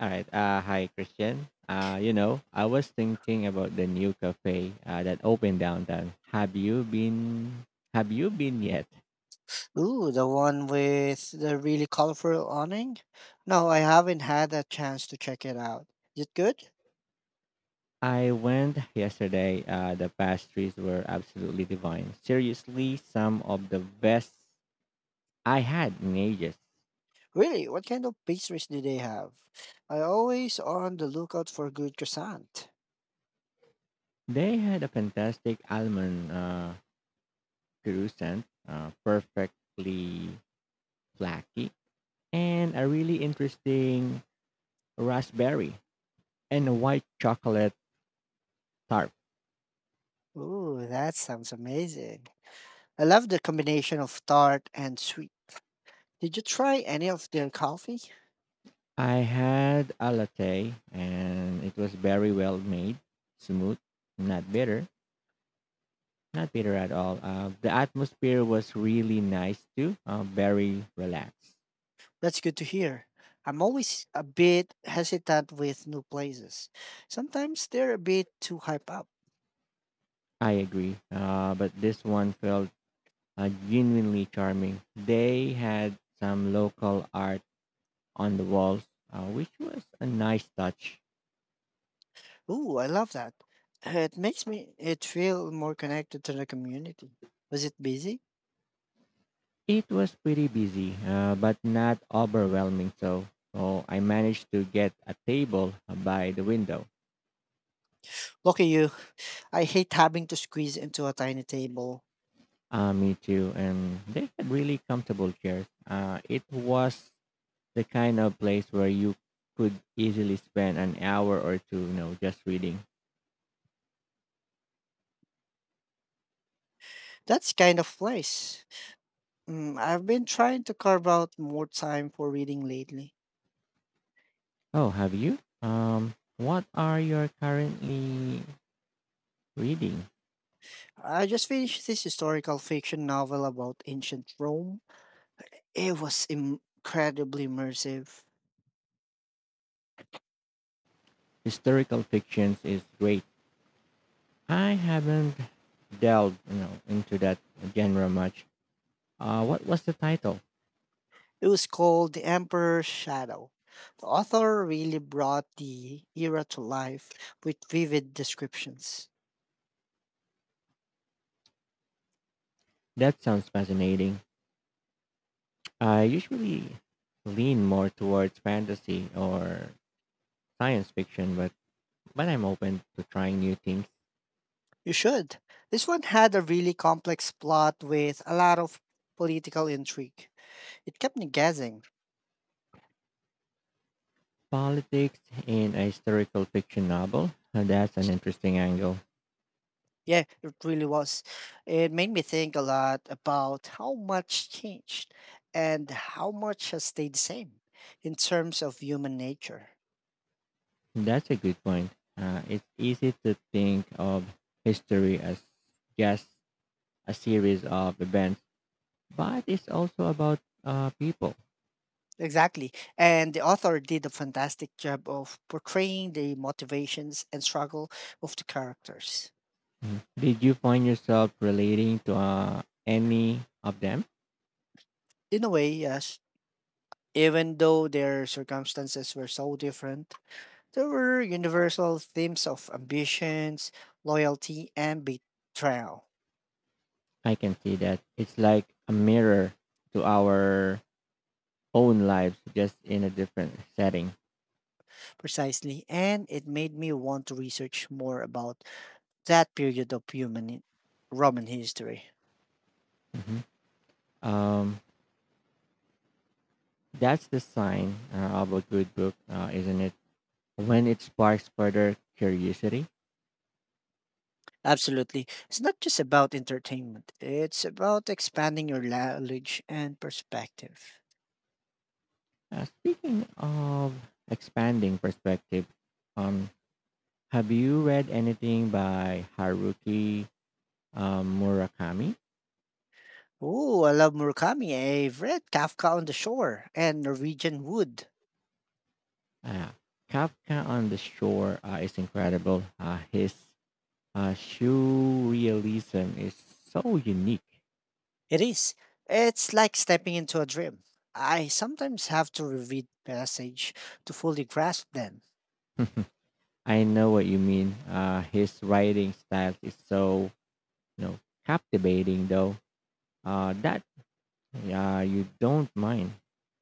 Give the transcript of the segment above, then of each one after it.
All right. Hi, Christian. I was thinking about the new cafe that opened downtown. Have you been? Have you been yet? Ooh, the one with the really colorful awning? No, I haven't had a chance to check it out. Is it good? I went yesterday. The pastries were absolutely divine. Seriously, some of the best I had in ages. Really? What kind of pastries do they have? I always on the lookout for good croissant. They had a fantastic almond croissant, perfectly flaky, and a really interesting raspberry and a white chocolate tart. Ooh, that sounds amazing. I love the combination of tart and sweet. Did you try any of their coffee? I had a latte and it was very well made, smooth, not bitter, not bitter at all. The atmosphere was really nice too, very relaxed. That's good to hear. I'm always a bit hesitant with new places. Sometimes they're a bit too hype up. I agree. But this one felt genuinely charming. They had some local art on the walls, which was a nice touch. Ooh, I love that. It makes me it feel more connected to the community. Was it busy? It was pretty busy, but not overwhelming. So I managed to get a table by the window. Look at you. I hate having to squeeze into a tiny table. Me too. And they had really comfortable chairs. It was the kind of place where you could easily spend an hour or two, just reading. That's kind of place. Mm, I've been trying to carve out more time for reading lately. Oh, have you? What are you currently reading? I just finished this historical fiction novel about ancient Rome. It was incredibly immersive. Historical fictions is great. I haven't delved into that genre much. What was the title? It was called The Emperor's Shadow. The author really brought the era to life with vivid descriptions. That sounds fascinating. I usually lean more towards fantasy or science fiction, but I'm open to trying new things. You should. This one had a really complex plot with a lot of political intrigue. It kept me guessing. Politics in a historical fiction novel, that's an interesting angle. Yeah, it really was. It made me think a lot about how much changed and how much has stayed the same in terms of human nature. That's a good point. It's easy to think of history as just a series of events, but it's also about people. Exactly. And the author did a fantastic job of portraying the motivations and struggle of the characters. Mm. Did you find yourself relating to any of them? In a way, yes, even though their circumstances were so different. There were universal themes of ambitions, loyalty, and betrayal, I can see that. It's like a mirror to our own lives, just in a different setting. precisely, and it made me want to research more about that period of Roman history. Mhm. Um, that's the sign of a good book, isn't it? When it sparks further curiosity. Absolutely. It's not just about entertainment, it's about expanding your knowledge and perspective. Speaking of expanding perspective, um, have you read anything by Haruki Murakami? Oh, I love Murakami. I've read Kafka on the Shore and Norwegian Wood. Uh, Kafka on the Shore is incredible. His surrealism is so unique. It is. It's like stepping into a dream. I sometimes have to reread passage to fully grasp them. I know what you mean. His writing style is so you know captivating, though. That Yeah, you don't mind.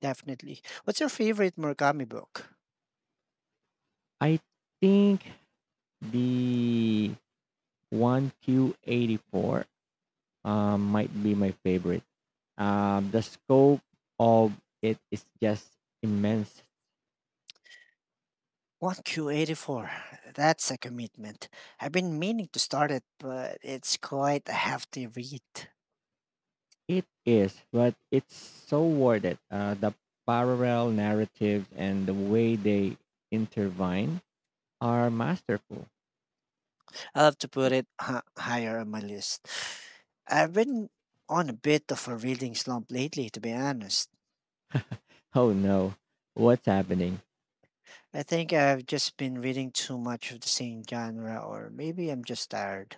Definitely. What's your favorite Murakami book? I think the 1Q84 might be my favorite. The scope of it is just immense. 1Q84. That's a commitment. I've been meaning to start it, but it's quite a hefty read. It is, but it's so worth it. The parallel narratives and the way they intertwine are masterful. I'll have to put it higher on my list. I've been on a bit of a reading slump lately, to be honest. Oh no, what's happening? I think I've just been reading too much of the same genre, or maybe I'm just tired.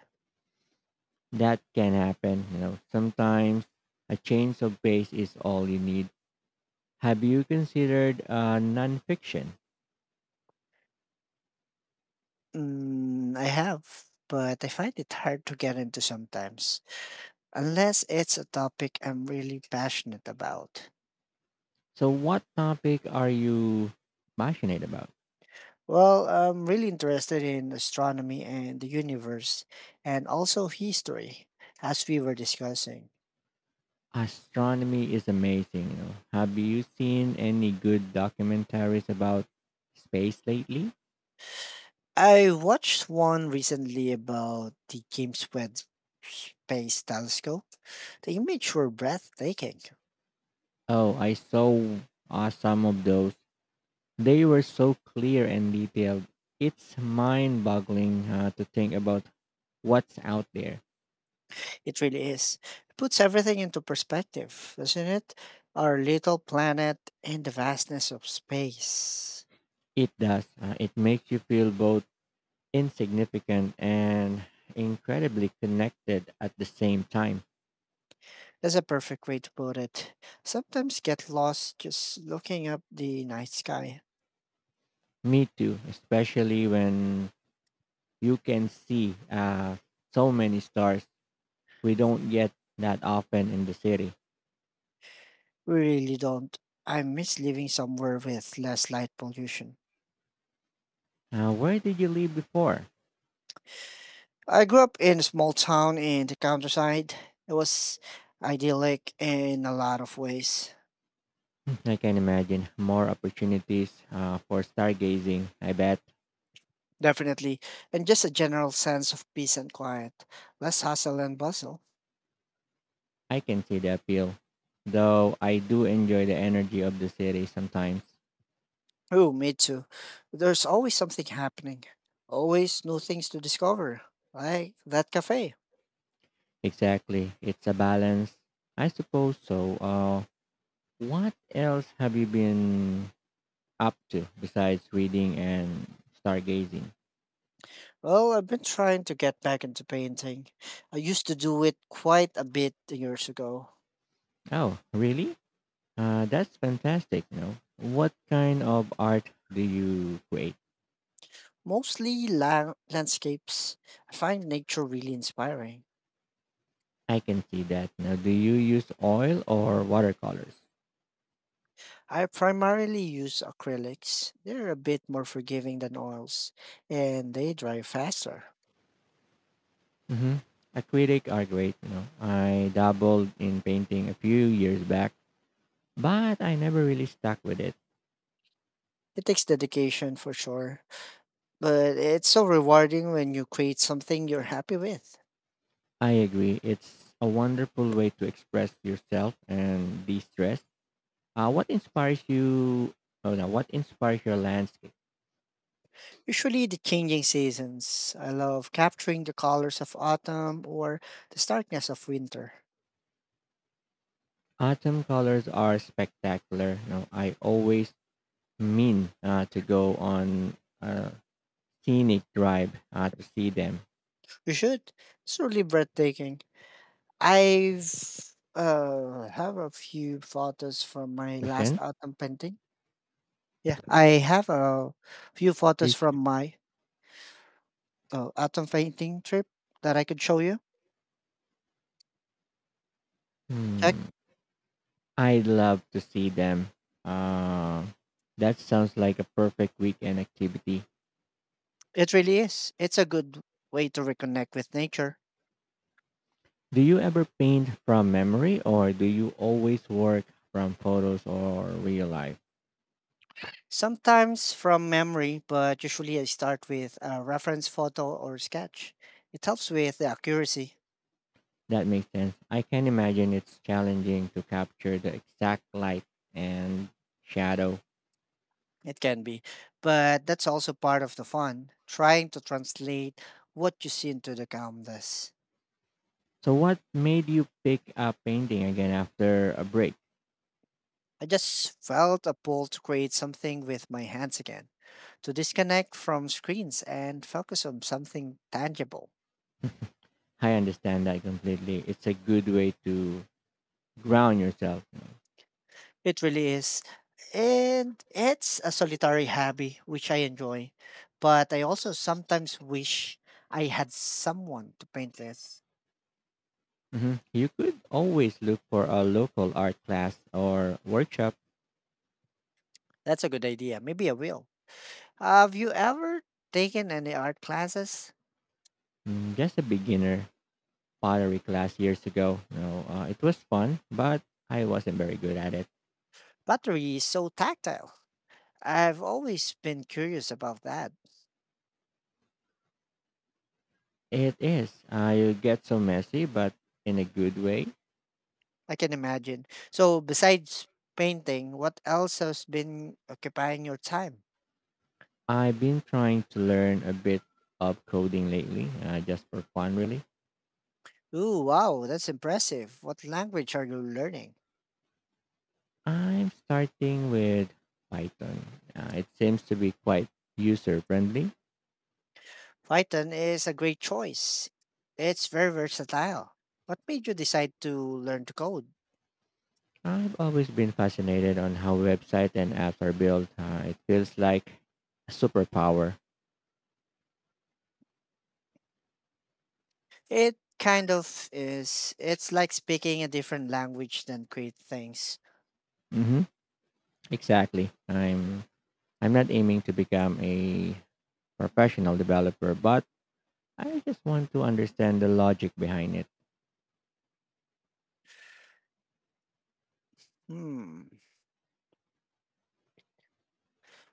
That can happen. You know, sometimes a change of pace is all you need. Have you considered nonfiction? Mm, I have, but I find it hard to get into sometimes, unless it's a topic I'm really passionate about. So, what topic are you passionate about? Well, I'm really interested in astronomy and the universe, and also history, as we were discussing. Astronomy is amazing. You know, have you seen any good documentaries about space lately? I watched one recently about the James Webb Space Telescope. The images were breathtaking. Oh, I saw some of those. They were so clear and detailed. It's mind-boggling to think about what's out there. It really is. It puts everything into perspective, doesn't it? Our little planet and the vastness of space. It does. It makes you feel both insignificant and incredibly connected at the same time. That's a perfect way to put it. Sometimes get lost just looking up the night sky. Me too, especially when you can see so many stars. We don't get that often in the city. We really don't. I miss living somewhere with less light pollution. Where did you live before? I grew up in a small town in the countryside. It was idyllic in a lot of ways. I can imagine more opportunities for stargazing, I bet. Definitely. And just a general sense of peace and quiet. Less hustle and bustle. I can see the appeal, though I do enjoy the energy of the city sometimes. Oh, me too. There's always something happening. Always new things to discover. Like that cafe. Exactly, it's a balance. I suppose so. What else have you been up to besides reading and stargazing? Well, I've been trying to get back into painting. I used to do it quite a bit years ago. Oh, really? That's fantastic. You know, what kind of art do you create? Mostly landscapes. I find nature really inspiring. I can see that. Now, do you use oil or watercolors? I primarily use acrylics. They're a bit more forgiving than oils, and they dry faster. Mm-hmm. Acrylic are great. You know, I dabbled in painting a few years back, but I never really stuck with it. It takes dedication for sure, but it's so rewarding when you create something you're happy with. I agree. It's a wonderful way to express yourself and de-stress. What inspires you? Oh, no, what inspires your landscape? Usually the changing seasons. I love capturing the colors of autumn or the starkness of winter. Autumn colors are spectacular. You know, I always mean to go on a scenic drive to see them. You should. It's really breathtaking. I've have a few photos from my last Question? autumn painting. Yeah, I have a few photos Each- from my autumn painting trip that I could show you. Check. Hmm, I'd love to see them. Uh, that sounds like a perfect weekend activity. It really is. It's a good way to reconnect with nature. Do you ever paint from memory or do you always work from photos or real life? Sometimes from memory, but usually I start with a reference photo or sketch. It helps with the accuracy. That makes sense. I can imagine it's challenging to capture the exact light and shadow. It can be, but that's also part of the fun, trying to translate what you see into the canvas. So, what made you pick up painting again after a break? I just felt a pull to create something with my hands again, to disconnect from screens and focus on something tangible. I understand that completely. It's a good way to ground yourself. It really is. And it's a solitary hobby, which I enjoy. But I also sometimes wish I had someone to paint with. Mhm. You could always look for a local art class or workshop. That's a good idea. Maybe I will. Have you ever taken any art classes? Mm, just a beginner pottery class years ago. It was fun, but I wasn't very good at it. Pottery is so tactile. I've always been curious about that. It is. I get so messy, but in a good way. I can imagine. So, besides painting, what else has been occupying your time? I've been trying to learn a bit of coding lately, just for fun, really. Ooh, wow, that's impressive. What language are you learning? I'm starting with Python. It seems to be quite user friendly. Python is a great choice. It's very versatile. What made you decide to learn to code? I've always been fascinated on how websites and apps are built. It feels like a superpower. It kind of is. It's like speaking a different language than create things. Hmm, exactly. I'm not aiming to become a professional developer, but I just want to understand the logic behind it. Hmm.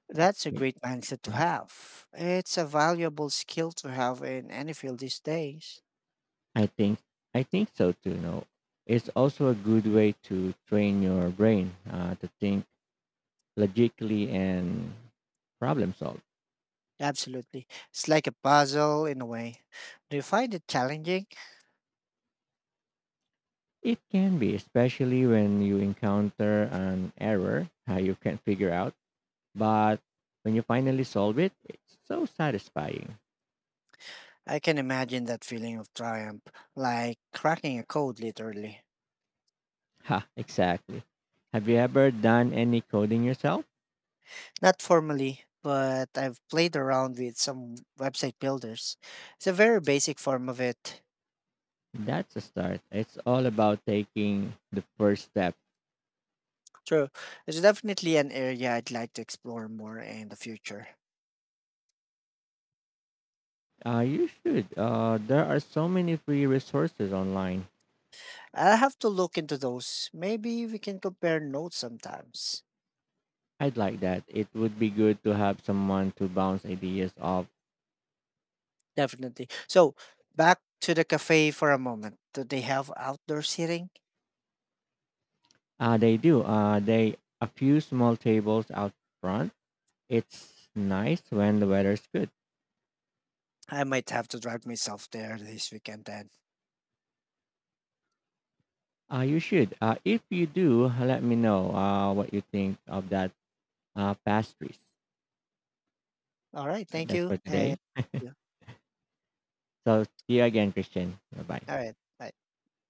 That's a Y- great mindset to mhm. have. It's a valuable skill to have in any field these days. I think I think so too. No, it's also a good way to train your brain to think logically and problem solve. Absolutely. It's like a puzzle in a way. Do you find it challenging? It can be, especially when you encounter an error you can't figure out. But when you finally solve it, it's so satisfying. I can imagine that feeling of triumph, like cracking a code literally. Ha, exactly. Have you ever done any coding yourself? Not formally, but I've played around with some website builders. It's a very basic form of it. That's a start. It's all about taking the first step. True. It's definitely an area I'd like to explore more in the future. You should. There are so many free resources online. I'll have to look into those. Maybe we can compare notes sometimes. I'd like that. It would be good to have someone to bounce ideas off. Definitely. So, back to the cafe for a moment. Do they have outdoor seating? They do. They a few small tables out front. It's nice when the weather's good. I might have to drive myself there this weekend then. You should. If you do, let me know what you think of that pastries. All right. Thank That's you. for And today. yeah. So see you again, Christian. Bye bye. All right. Bye.